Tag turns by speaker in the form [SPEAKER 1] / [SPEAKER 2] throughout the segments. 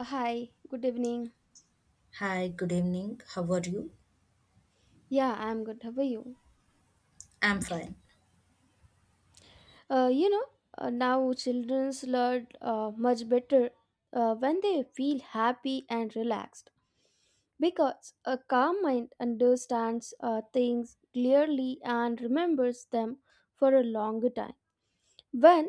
[SPEAKER 1] Hi, good evening.
[SPEAKER 2] Hi, good evening. How are you?
[SPEAKER 1] Yeah, I'm good. How are you?
[SPEAKER 2] I'm fine.
[SPEAKER 1] Uh, you know, now childrens learn much better when they feel happy and relaxed because a calm mind understands things clearly and remembers them for a longer time. When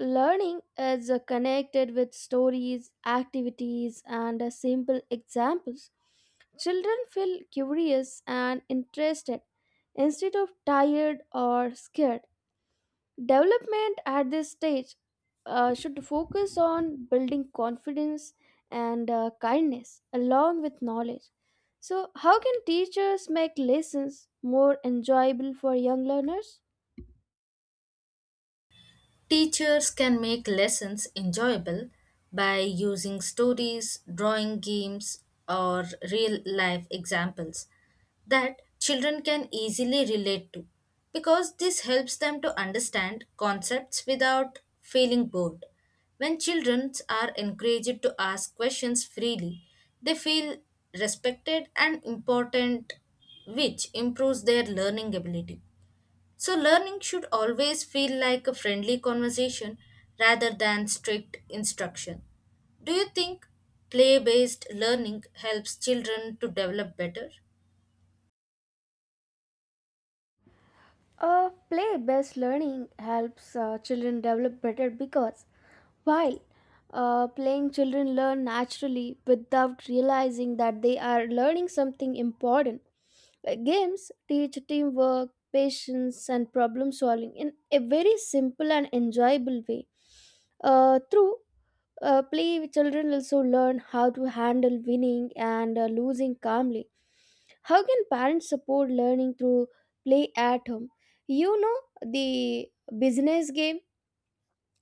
[SPEAKER 1] learning is connected with stories, activities, and simple examples, children feel curious and interested instead of tired or scared. Development at this stage should focus on building confidence and kindness along with knowledge. So, how can teachers make lessons more enjoyable for young learners?
[SPEAKER 2] Teachers can make lessons enjoyable by using stories, drawing games, or real life examples that children can easily relate to because this helps them to understand concepts without feeling bored. When children are encouraged to ask questions freely, they feel respected and important, which improves their learning ability. So, learning should always feel like a friendly conversation rather than strict instruction. Do you think play based learning helps children to develop better?
[SPEAKER 1] Play based learning helps children develop better because while playing, children learn naturally without realizing that they are learning something important. Games teach teamwork, patience, and problem solving in a very simple and enjoyable way. Through play with children also learn how to handle winning and losing calmly. How can parents support learning through play at home? You know, the business game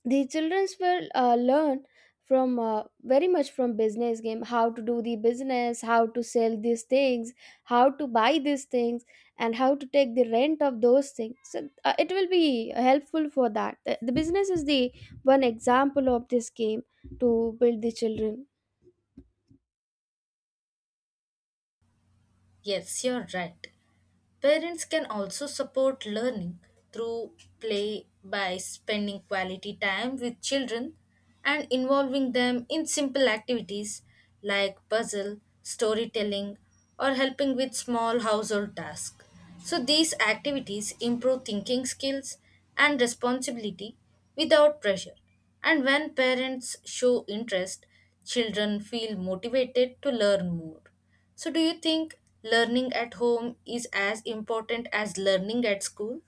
[SPEAKER 1] the childrens will learn from very much from business game, how to do the business, how to sell these things, how to buy these things, and how to take the rent of those things. So it will be helpful for that. The business is the one example of this game to build the children.
[SPEAKER 2] Yes, you're right. Parents can also support learning through play by spending quality time with children and involving them in simple activities like puzzle, storytelling, or helping with small household tasks. So, these activities improve thinking skills and responsibility without pressure. And when parents show interest, children feel motivated to learn more. So, do you think learning at home is as important as learning at school?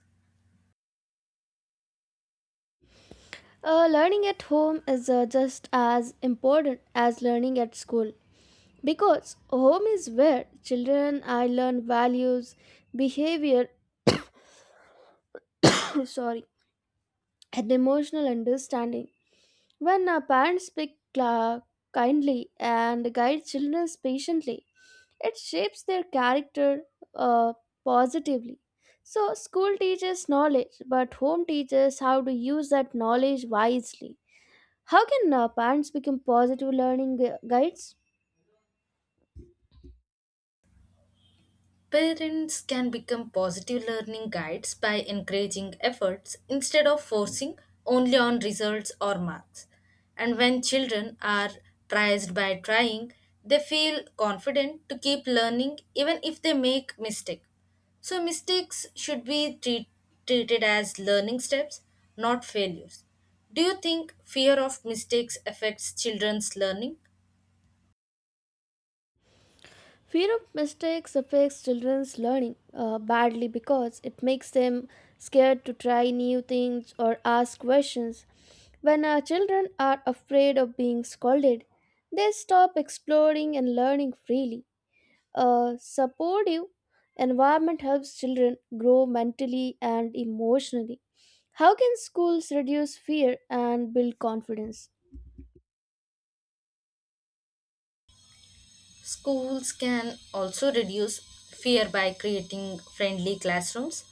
[SPEAKER 1] Learning at home is just as important as learning at school because home is where children I learn values, behavior, sorry, and emotional understanding. When our parents speak kindly and guide children patiently, it shapes their character uh, positively. So, school teaches knowledge, but home teaches how to use that knowledge wisely. How can parents become positive learning guides?
[SPEAKER 2] Parents can become positive learning guides by encouraging efforts instead of forcing only on results or marks. And when children are praised by trying, they feel confident to keep learning even if they make mistakes. So mistakes should be treated as learning steps, not failures. Do you think fear of mistakes affects children's learning?
[SPEAKER 1] Fear of mistakes affects children's learning badly because it makes them scared to try new things or ask questions. When our children are afraid of being scolded, they stop exploring and learning freely. A supportive environment helps children grow mentally and emotionally. How can schools reduce fear and build confidence?
[SPEAKER 2] Schools can also reduce fear by creating friendly classrooms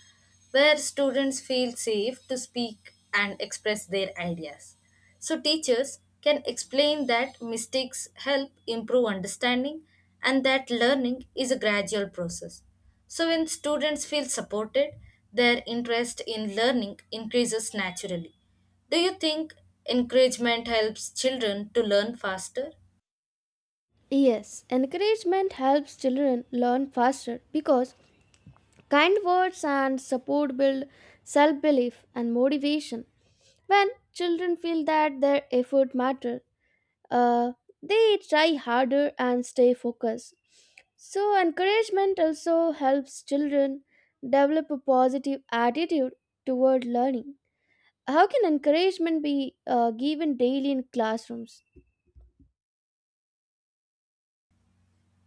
[SPEAKER 2] where students feel safe to speak and express their ideas. So, teachers can explain that mistakes help improve understanding and that learning is a gradual process. So, when students feel supported, their interest in learning increases naturally. Do you think encouragement helps children to learn faster?
[SPEAKER 1] Yes, encouragement helps children learn faster because kind words and support build self belief and motivation. When children feel that their effort matter, uh, they try harder and stay focused. So, encouragement also helps children develop a positive attitude toward learning. How can encouragement be given daily in classrooms?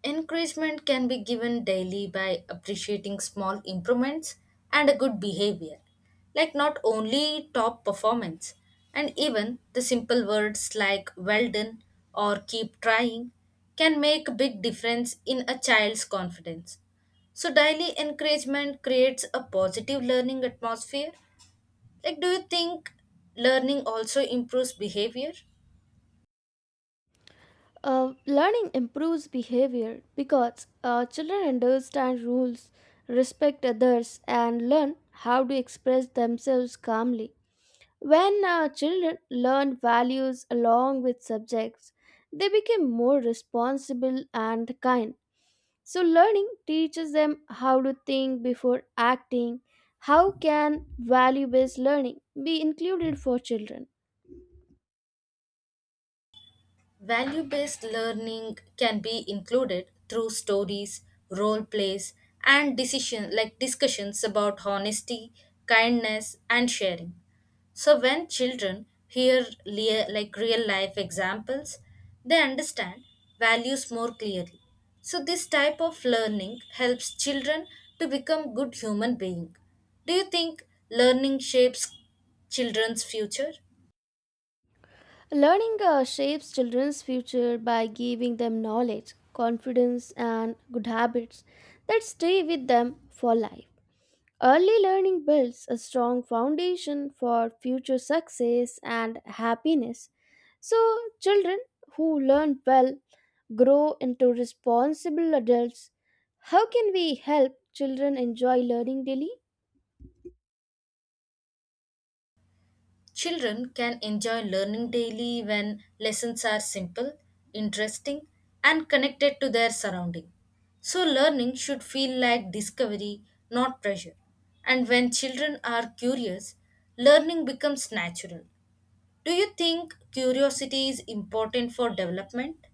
[SPEAKER 2] Encouragement can be given daily by appreciating small improvements and a good behavior, like not only top performance, and even the simple words like well done or keep trying can make a big difference in a child's confidence. So, daily encouragement creates a positive learning atmosphere. Like, do you think learning also improves behavior?
[SPEAKER 1] Learning improves behavior because children understand rules, respect others, and learn how to express themselves calmly. When children learn values along with subjects, they become more responsible and kind. So, learning teaches them how to think before acting. How can value based learning be included for children?
[SPEAKER 2] Value based learning can be included through stories, role plays, and decision like discussions about honesty, kindness, and sharing. So when children hear like real life examples, they understand values more clearly. So this type of learning helps children to become good human being. Do you think learning shapes children's future?
[SPEAKER 1] Learning shapes children's future by giving them knowledge, confidence, and good habits that stay with them for life. Early learning builds a strong foundation for future success and happiness. So, children who learn well grow into responsible adults. How can we help children enjoy learning daily?
[SPEAKER 2] Children can enjoy learning daily when lessons are simple, interesting, and connected to their surrounding. So, learning should feel like discovery, not pressure. And when children are curious, learning becomes natural. Do you think curiosity is important for development?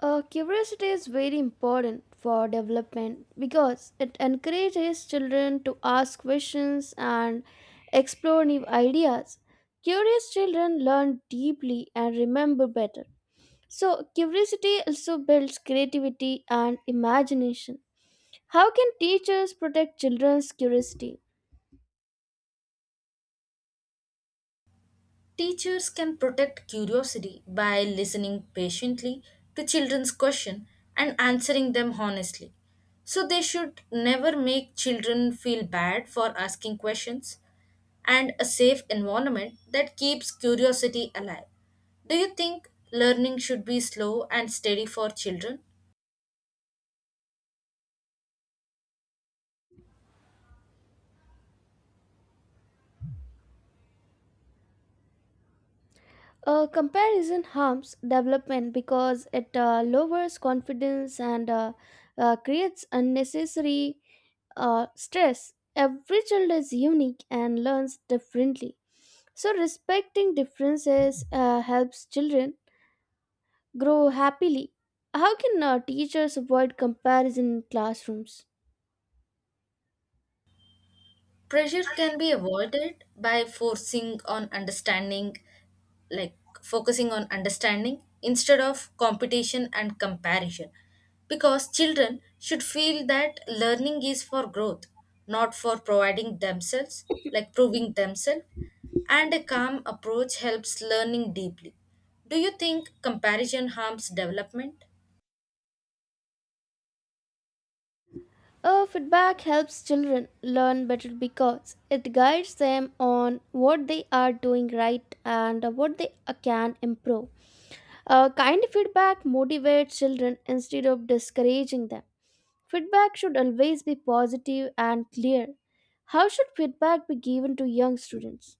[SPEAKER 1] Curiosity is very important for development because it encourages children to ask questions and explore new ideas. Curious children learn deeply and remember better. So, curiosity also builds creativity and imagination. How can teachers protect children's curiosity?
[SPEAKER 2] Teachers can protect curiosity by listening patiently to children's questions and answering them honestly. So they should never make children feel bad for asking questions and a safe environment that keeps curiosity alive. Do you think learning should be slow and steady for children?
[SPEAKER 1] Comparison harms development because it lowers confidence and creates unnecessary stress. Every child is unique and learns differently. So, respecting differences helps children grow happily. How can teachers avoid comparison in classrooms?
[SPEAKER 2] Pressure can be avoided by forcing on understanding, like focusing on understanding instead of competition and comparison. Because children should feel that learning is for growth, not for providing themselves, like proving themselves, and a calm approach helps learning deeply. Do you think comparison harms development?
[SPEAKER 1] Feedback helps children learn better because it guides them on what they are doing right and what they can improve. Kind feedback motivates children instead of discouraging them. Feedback should always be positive and clear. How should feedback be given to young students?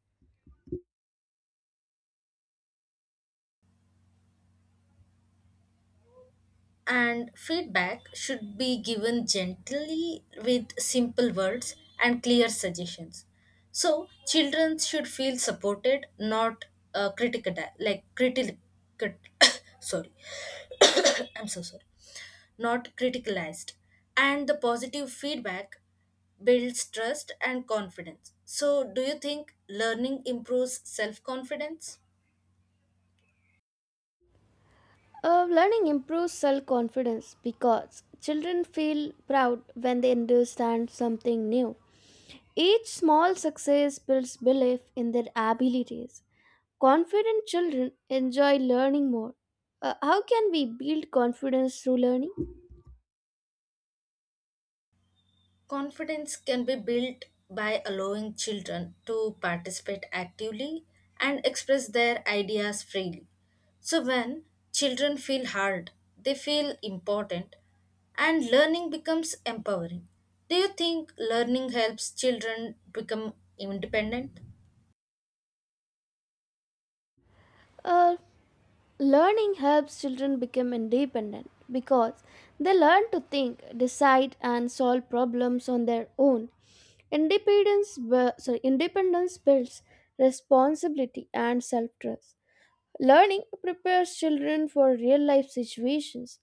[SPEAKER 2] And feedback should be given gently with simple words and clear suggestions, so children should feel supported, not critical, like critical, sorry, I'm so sorry, not criticalized. And the positive feedback builds trust and confidence. So, do you think learning improves self confidence?
[SPEAKER 1] Learning improves self confidence because children feel proud when they understand something new. Each small success builds belief in their abilities. Confident children enjoy learning more. How can we build confidence through learning?
[SPEAKER 2] Confidence can be built by allowing children to participate actively and express their ideas freely. So, when children feel heard, they feel important and learning becomes empowering. Do you think learning helps children become independent?
[SPEAKER 1] Uh, Learning helps children become independent because they learn to think, decide, and solve problems on their own. Independence builds responsibility and self trust. Learning prepares children for real life situations.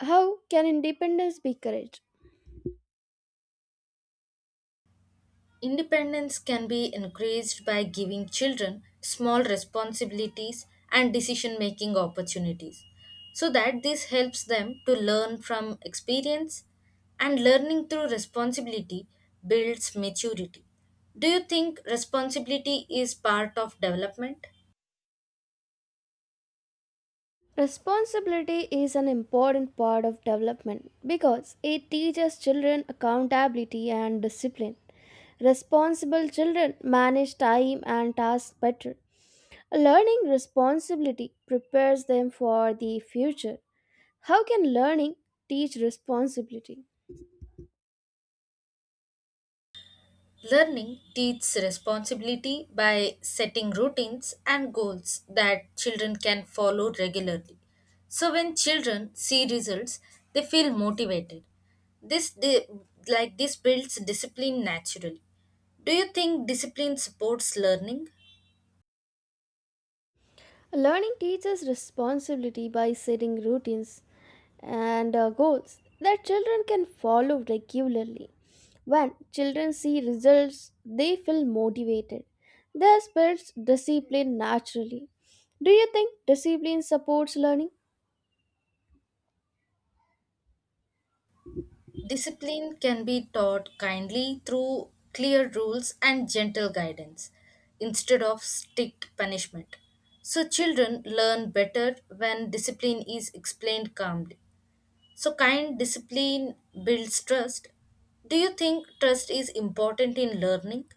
[SPEAKER 1] How can independence be encouraged?
[SPEAKER 2] Independence can be increased by giving children small responsibilities and decision making opportunities so that this helps them to learn from experience and learning through responsibility builds maturity. Do you think responsibility is part of development?
[SPEAKER 1] Responsibility is an important part of development because it teaches children accountability and discipline. Responsible children manage time and tasks better. Learning responsibility prepares them for the future. How can learning teach responsibility?
[SPEAKER 2] Learning teaches responsibility by setting routines and goals that children can follow regularly. So when children see results, they feel motivated. This di- like this builds discipline naturally. Do you think discipline supports learning?
[SPEAKER 1] Learning teaches responsibility by setting routines and goals that children can follow regularly. When children see results, they feel motivated. Their spirits discipline naturally. Do you think discipline supports learning?
[SPEAKER 2] Discipline can be taught kindly through clear rules and gentle guidance instead of strict punishment. So, children learn better when discipline is explained calmly. So, kind discipline builds trust. Do you think trust is important in learning?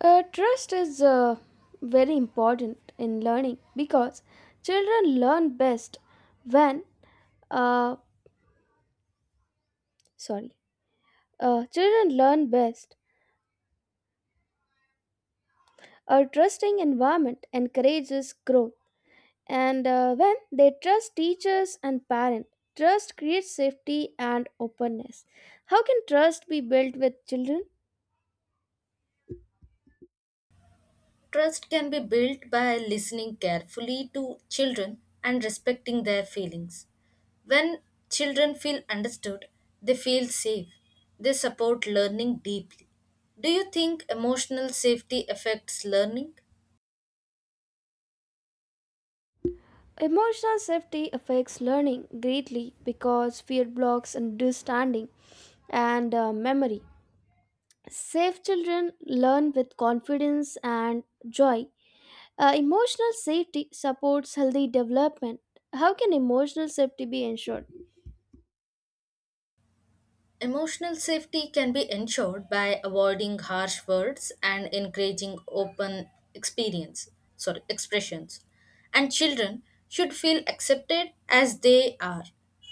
[SPEAKER 1] Trust is very important in learning because children learn best when, uh, sorry, children learn best. A trusting environment encourages growth, and when they trust teachers and parents, trust creates safety and openness. How can trust be built with children?
[SPEAKER 2] Trust can be built by listening carefully to children and respecting their feelings. When children feel understood, they feel safe. They support learning deeply. Do you think emotional safety affects learning?
[SPEAKER 1] Emotional safety affects learning greatly because fear blocks understanding and memory. Safe children learn with confidence and joy. Emotional safety supports healthy development. How can emotional safety be ensured?
[SPEAKER 2] Emotional safety can be ensured by avoiding harsh words and encouraging open sorry, expressions. And children should feel accepted as they are.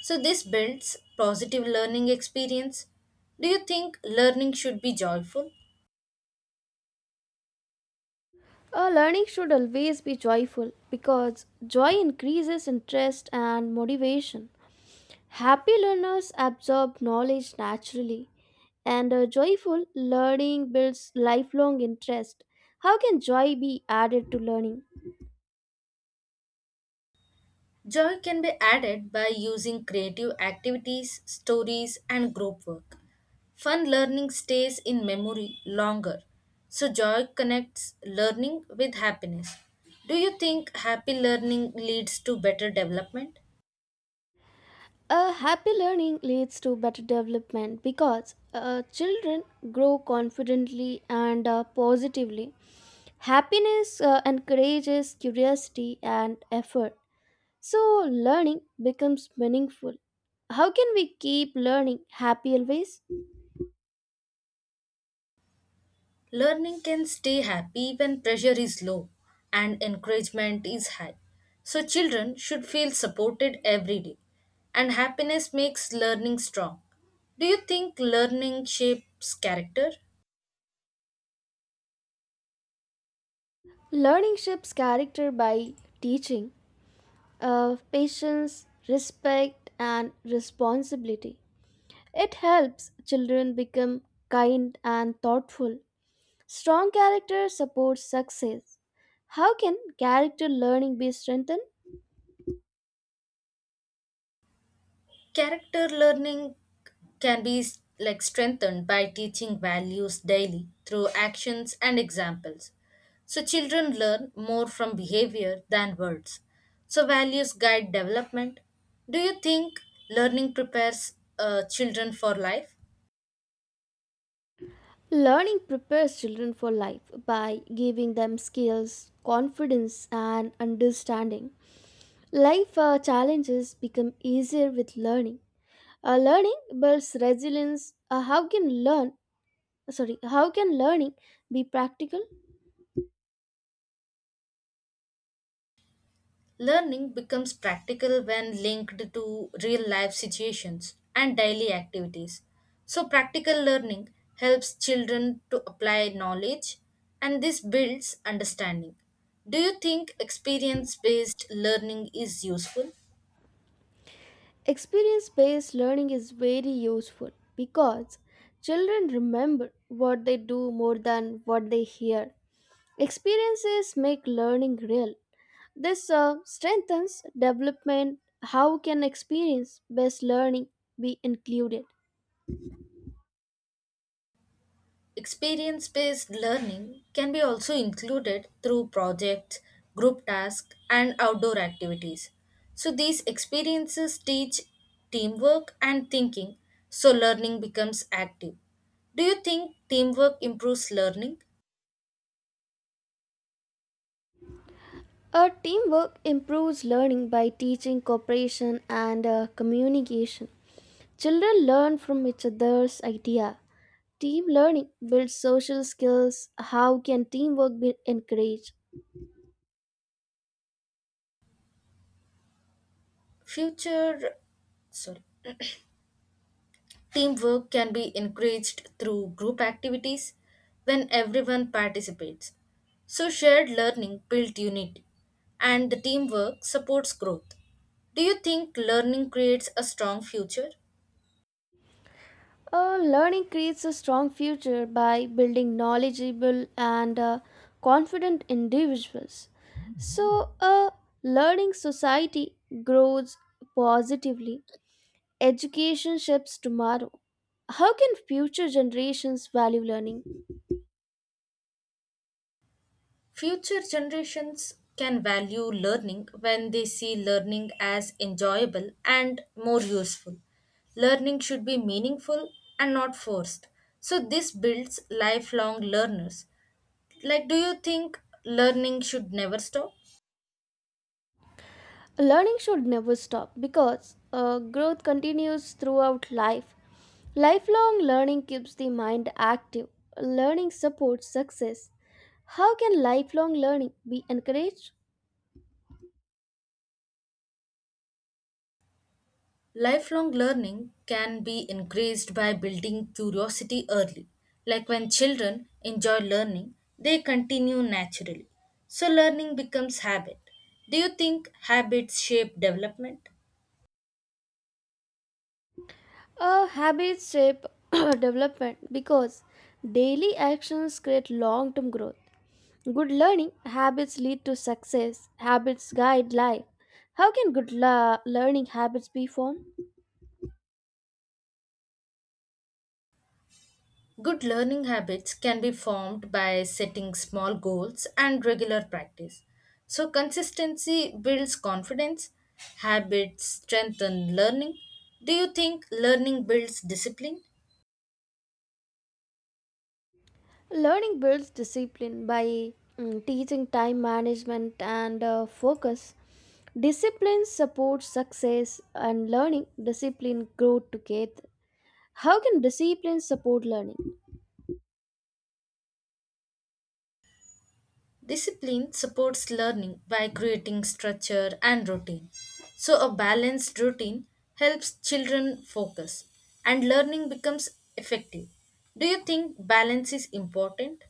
[SPEAKER 2] So this builds positive learning experience. Do you think learning should be joyful?
[SPEAKER 1] Learning should always be joyful because joy increases interest and motivation. Happy learners absorb knowledge naturally, and joyful learning builds lifelong interest. How can joy be added to learning?
[SPEAKER 2] Joy can be added by using creative activities, stories, and group work. Fun learning stays in memory longer, so joy connects learning with happiness. Do you think happy learning leads to better development?
[SPEAKER 1] A happy learning leads to better development because children grow confidently and positively. Happiness encourages curiosity and effort. So, learning becomes meaningful. How can we keep learning happy always?
[SPEAKER 2] Learning can stay happy when pressure is low and encouragement is high. So, children should feel supported every day, and happiness makes learning strong. Do you think learning shapes character?
[SPEAKER 1] Learning shapes character by teaching patience, respect, and responsibility. It helps children become kind and thoughtful. Strong character supports success. How can character learning be strengthened?
[SPEAKER 2] Character learning can be like strengthened by teaching values daily through actions and examples. So children learn more from behavior than words. So values guide development. Do you think learning prepares children for life?
[SPEAKER 1] Learning prepares children for life by giving them skills, confidence, and understanding. Life challenges become easier with learning. Learning builds resilience. How can learning be practical?
[SPEAKER 2] Learning becomes practical when linked to real life situations and daily activities. So, practical learning helps children to apply knowledge and this builds understanding. Do you think experience based learning is useful?
[SPEAKER 1] Experience based learning is very useful because children remember what they do more than what they hear. Experiences make learning real. This strengthens development. How can experience based learning be included?
[SPEAKER 2] Experience based learning can be also included through projects, group tasks, and outdoor activities. So, these experiences teach teamwork and thinking, so learning becomes active. Do you think teamwork improves learning?
[SPEAKER 1] A teamwork improves learning by teaching cooperation and communication. Children learn from each other's idea. Team learning builds social skills. How can teamwork be encouraged?
[SPEAKER 2] Future, sorry. Teamwork can be encouraged through group activities when everyone participates. So, shared learning builds unity and the teamwork supports growth. Do you think learning creates a strong future?
[SPEAKER 1] Learning creates a strong future by building knowledgeable and confident individuals. So, a learning society grows positively. Education shapes tomorrow. How can future generations value learning?
[SPEAKER 2] Future generations can value learning when they see learning as enjoyable and more useful. Learning should be meaningful and not forced. So, this builds lifelong learners. Like, do you think learning should never stop?
[SPEAKER 1] Learning should never stop because growth continues throughout life. Lifelong learning keeps the mind active. Learning supports success. How can lifelong learning be encouraged?
[SPEAKER 2] Lifelong learning can be increased by building curiosity early. Like, when children enjoy learning, they continue naturally. So, learning becomes habit. Do you think habits shape development?
[SPEAKER 1] Habits shape development because daily actions create long term growth. Good learning habits lead to success. Habits guide life. How can good learning habits be formed?
[SPEAKER 2] Good learning habits can be formed by setting small goals and regular practice. So, consistency builds confidence, habits strengthen learning. Do you think learning builds discipline?
[SPEAKER 1] Learning builds discipline by teaching time management and focus. Discipline supports success, and learning, discipline grow together. How can discipline support learning?
[SPEAKER 2] Discipline supports learning by creating structure and routine. So, a balanced routine helps children focus and learning becomes effective. Do you think balance is important?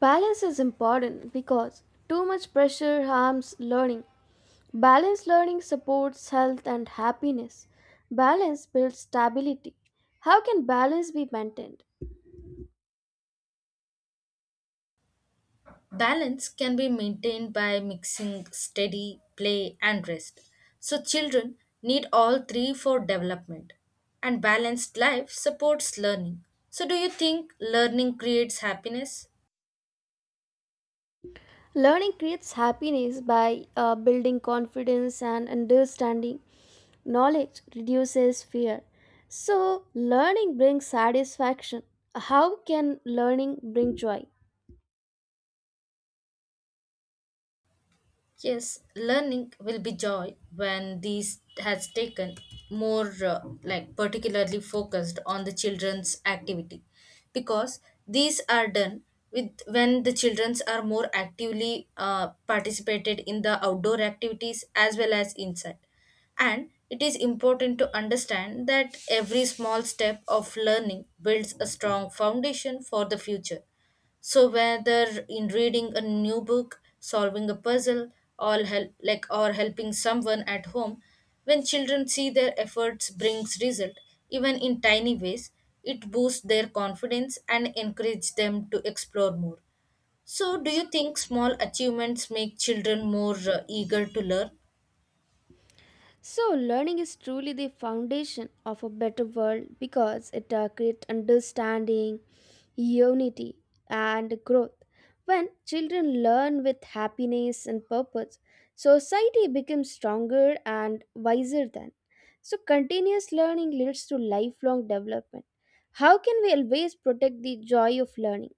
[SPEAKER 1] Balance is important because too much pressure harms learning. Balanced learning supports health and happiness. Balance builds stability. How can balance be maintained?
[SPEAKER 2] Balance can be maintained by mixing steady, play, and rest. So, children need all three for development. And balanced life supports learning. So, do you think learning creates happiness?
[SPEAKER 1] Learning creates happiness by building confidence and understanding. Knowledge reduces fear. So, learning brings satisfaction. How can learning bring joy?
[SPEAKER 2] Yes, learning will be joy when these has taken more like particularly focused on the children's activity, because these are done with when the childrens are more actively participated in the outdoor activities as well as inside. And it is important to understand that every small step of learning builds a strong foundation for the future. So whether in reading a new book, solving a puzzle, or help like or helping someone at home, when children see their efforts brings result, even in tiny ways, it boosts their confidence and encourage them to explore more. So do you think small achievements make children more eager to learn?
[SPEAKER 1] So, learning is truly the foundation of a better world because it creates understanding, unity, and growth. When children learn with happiness and purpose, society becomes stronger and wiser then. So, continuous learning leads to lifelong development. How can we always protect the joy of learning?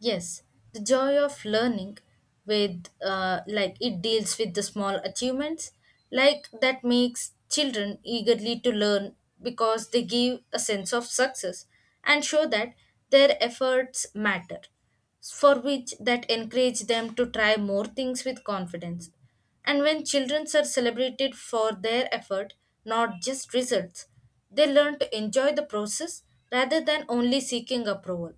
[SPEAKER 2] Yes, the joy of learning with like it deals with the small achievements like that makes children eagerly to learn, because they give a sense of success and show that their efforts matter, for which that encourage them to try more things with confidence. And when children are celebrated for their effort, not just results, they learn to enjoy the process rather than only seeking approval.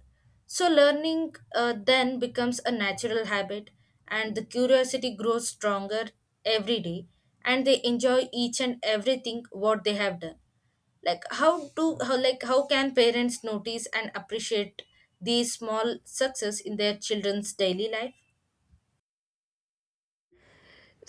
[SPEAKER 2] So, learning then becomes a natural habit, and the curiosity grows stronger every day, and they enjoy each and everything what they have done. Like how can parents notice and appreciate these small success in their children's daily life?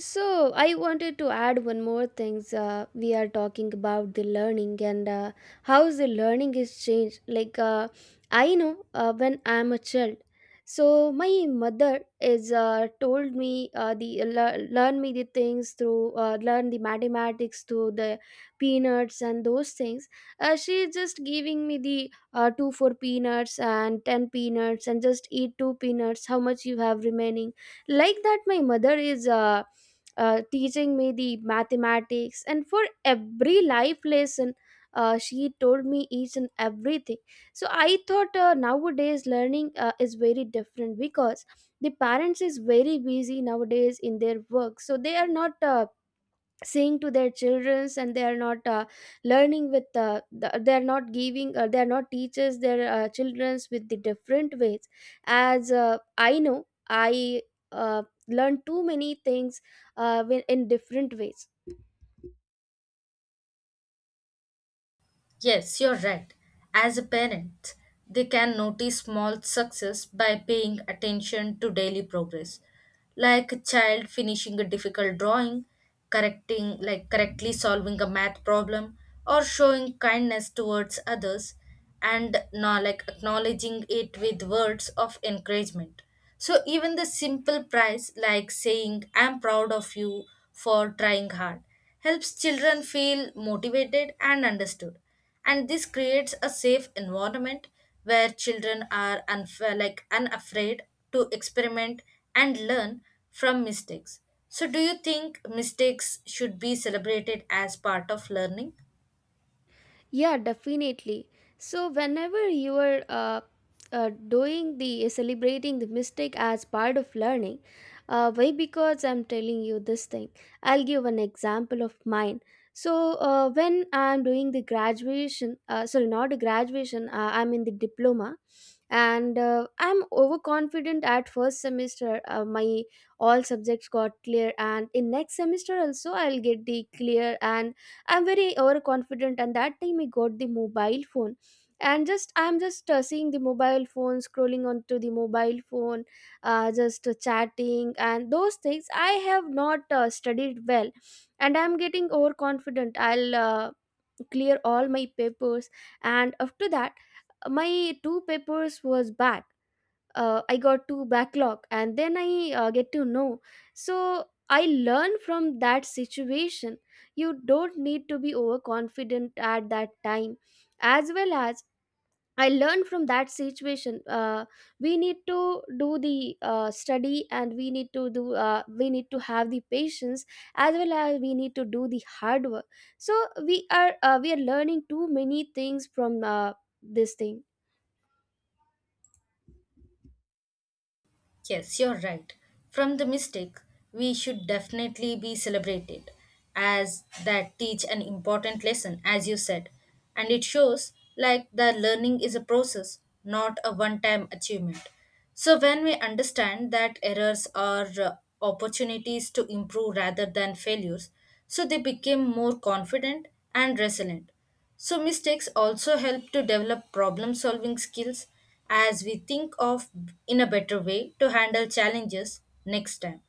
[SPEAKER 1] So I wanted to add one more things. We are talking about the learning and how the learning is changed. I know when I'm a child, so my mother is told me the lear learn me the things through learn the mathematics through the peanuts and those things. She is just giving me the two four peanuts and ten peanuts and just eat two peanuts. How much you have remaining? Like that, my mother is. Teaching me the mathematics, and for every life lesson she told me each and everything. So I thought nowadays learning is very different because the parents is very busy nowadays in their work, so they are not saying to their children, and they are not they are not giving, they are not teachers their children's with the different ways. As I know I uh, learned too many things in different ways.
[SPEAKER 2] Yes, you're right. As a parent, they can notice small success by paying attention to daily progress, like a child finishing a difficult drawing, correcting like correctly solving a math problem, or showing kindness towards others, and now like acknowledging it with words of encouragement. So even the simple praise like saying I'm proud of you for trying hard helps children feel motivated and understood. And this creates a safe environment where children are like unafraid to experiment and learn from mistakes. So do you think mistakes should be celebrated as part of learning?
[SPEAKER 1] Yeah, definitely. So whenever you are doing the celebrating the mistake as part of learning, why? Because I'm telling you this thing. I'll give an example of mine. So when I'm doing the graduation, sorry, not a graduation. I'm in the diploma, and I'm overconfident at first semester. My all subjects got clear, and in next semester also I'll get the clear, and I'm very overconfident, and that time I got the mobile phone, and just I'm just seeing the mobile phone, scrolling onto the mobile phone, just chatting and those things. I have not studied well, and I'm getting overconfident. I'll clear all my papers. And after that my two papers was bad. I got to backlog, and then I get to know. So I learn from that situation. You don't need to be overconfident at that time. As well as I learn from that situation. We need to do the study, and we need to have the patience, as well as we need to do the hard work. So we are learning too many things from this thing.
[SPEAKER 2] Yes, you're right. From the mistake, we should definitely be celebrated, as that teach an important lesson, as you said. And it shows like the learning is a process, not a one time achievement. So when we understand that errors are opportunities to improve rather than failures, so they became more confident and resilient. So, mistakes also help to develop problem solving skills, as we think of in a better way to handle challenges next time.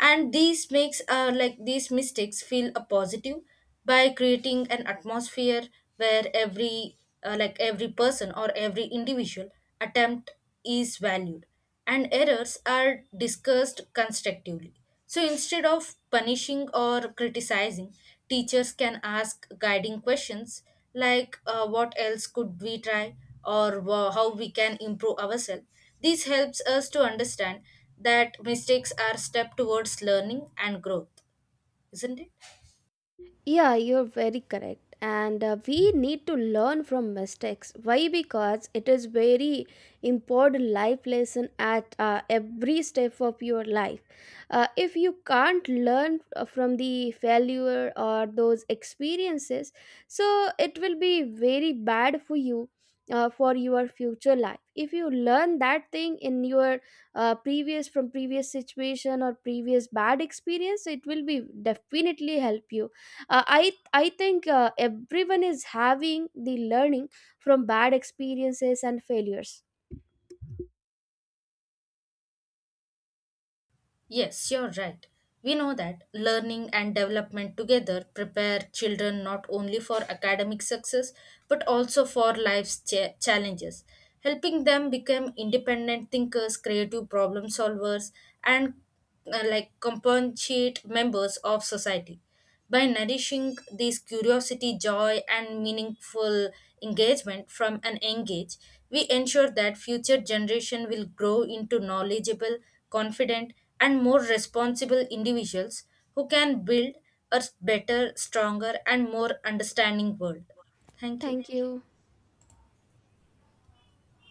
[SPEAKER 2] And these makes like these mistakes feel a positive by creating an atmosphere where every like every person or every individual attempt is valued and errors are discussed constructively. So instead of punishing or criticizing, teachers can ask guiding questions like what else could we try, or how we can improve ourselves. This helps us to understand that mistakes are step towards learning and growth, isn't it?
[SPEAKER 1] Yeah, you're very correct. And we need to learn from mistakes. Why? Because it is very important life lesson at every step of your life. If you can't learn from the failure or those experiences, so it will be very bad for you. For your future life, if you learn that thing in your previous from previous situation or previous bad experience, it will be definitely help you. Uh, i i think everyone is having the learning from bad experiences and failures.
[SPEAKER 2] Yes, you're right. We know that learning and development together prepare children not only for academic success, but also for challenges, helping them become independent thinkers, creative problem solvers, and like compensate members of society. By nourishing these curiosity, joy, and meaningful engagement from an young age, we ensure that future generation will grow into knowledgeable, confident, and more responsible individuals who can build a better, stronger, and more understanding world. Thank you.
[SPEAKER 1] Thank you.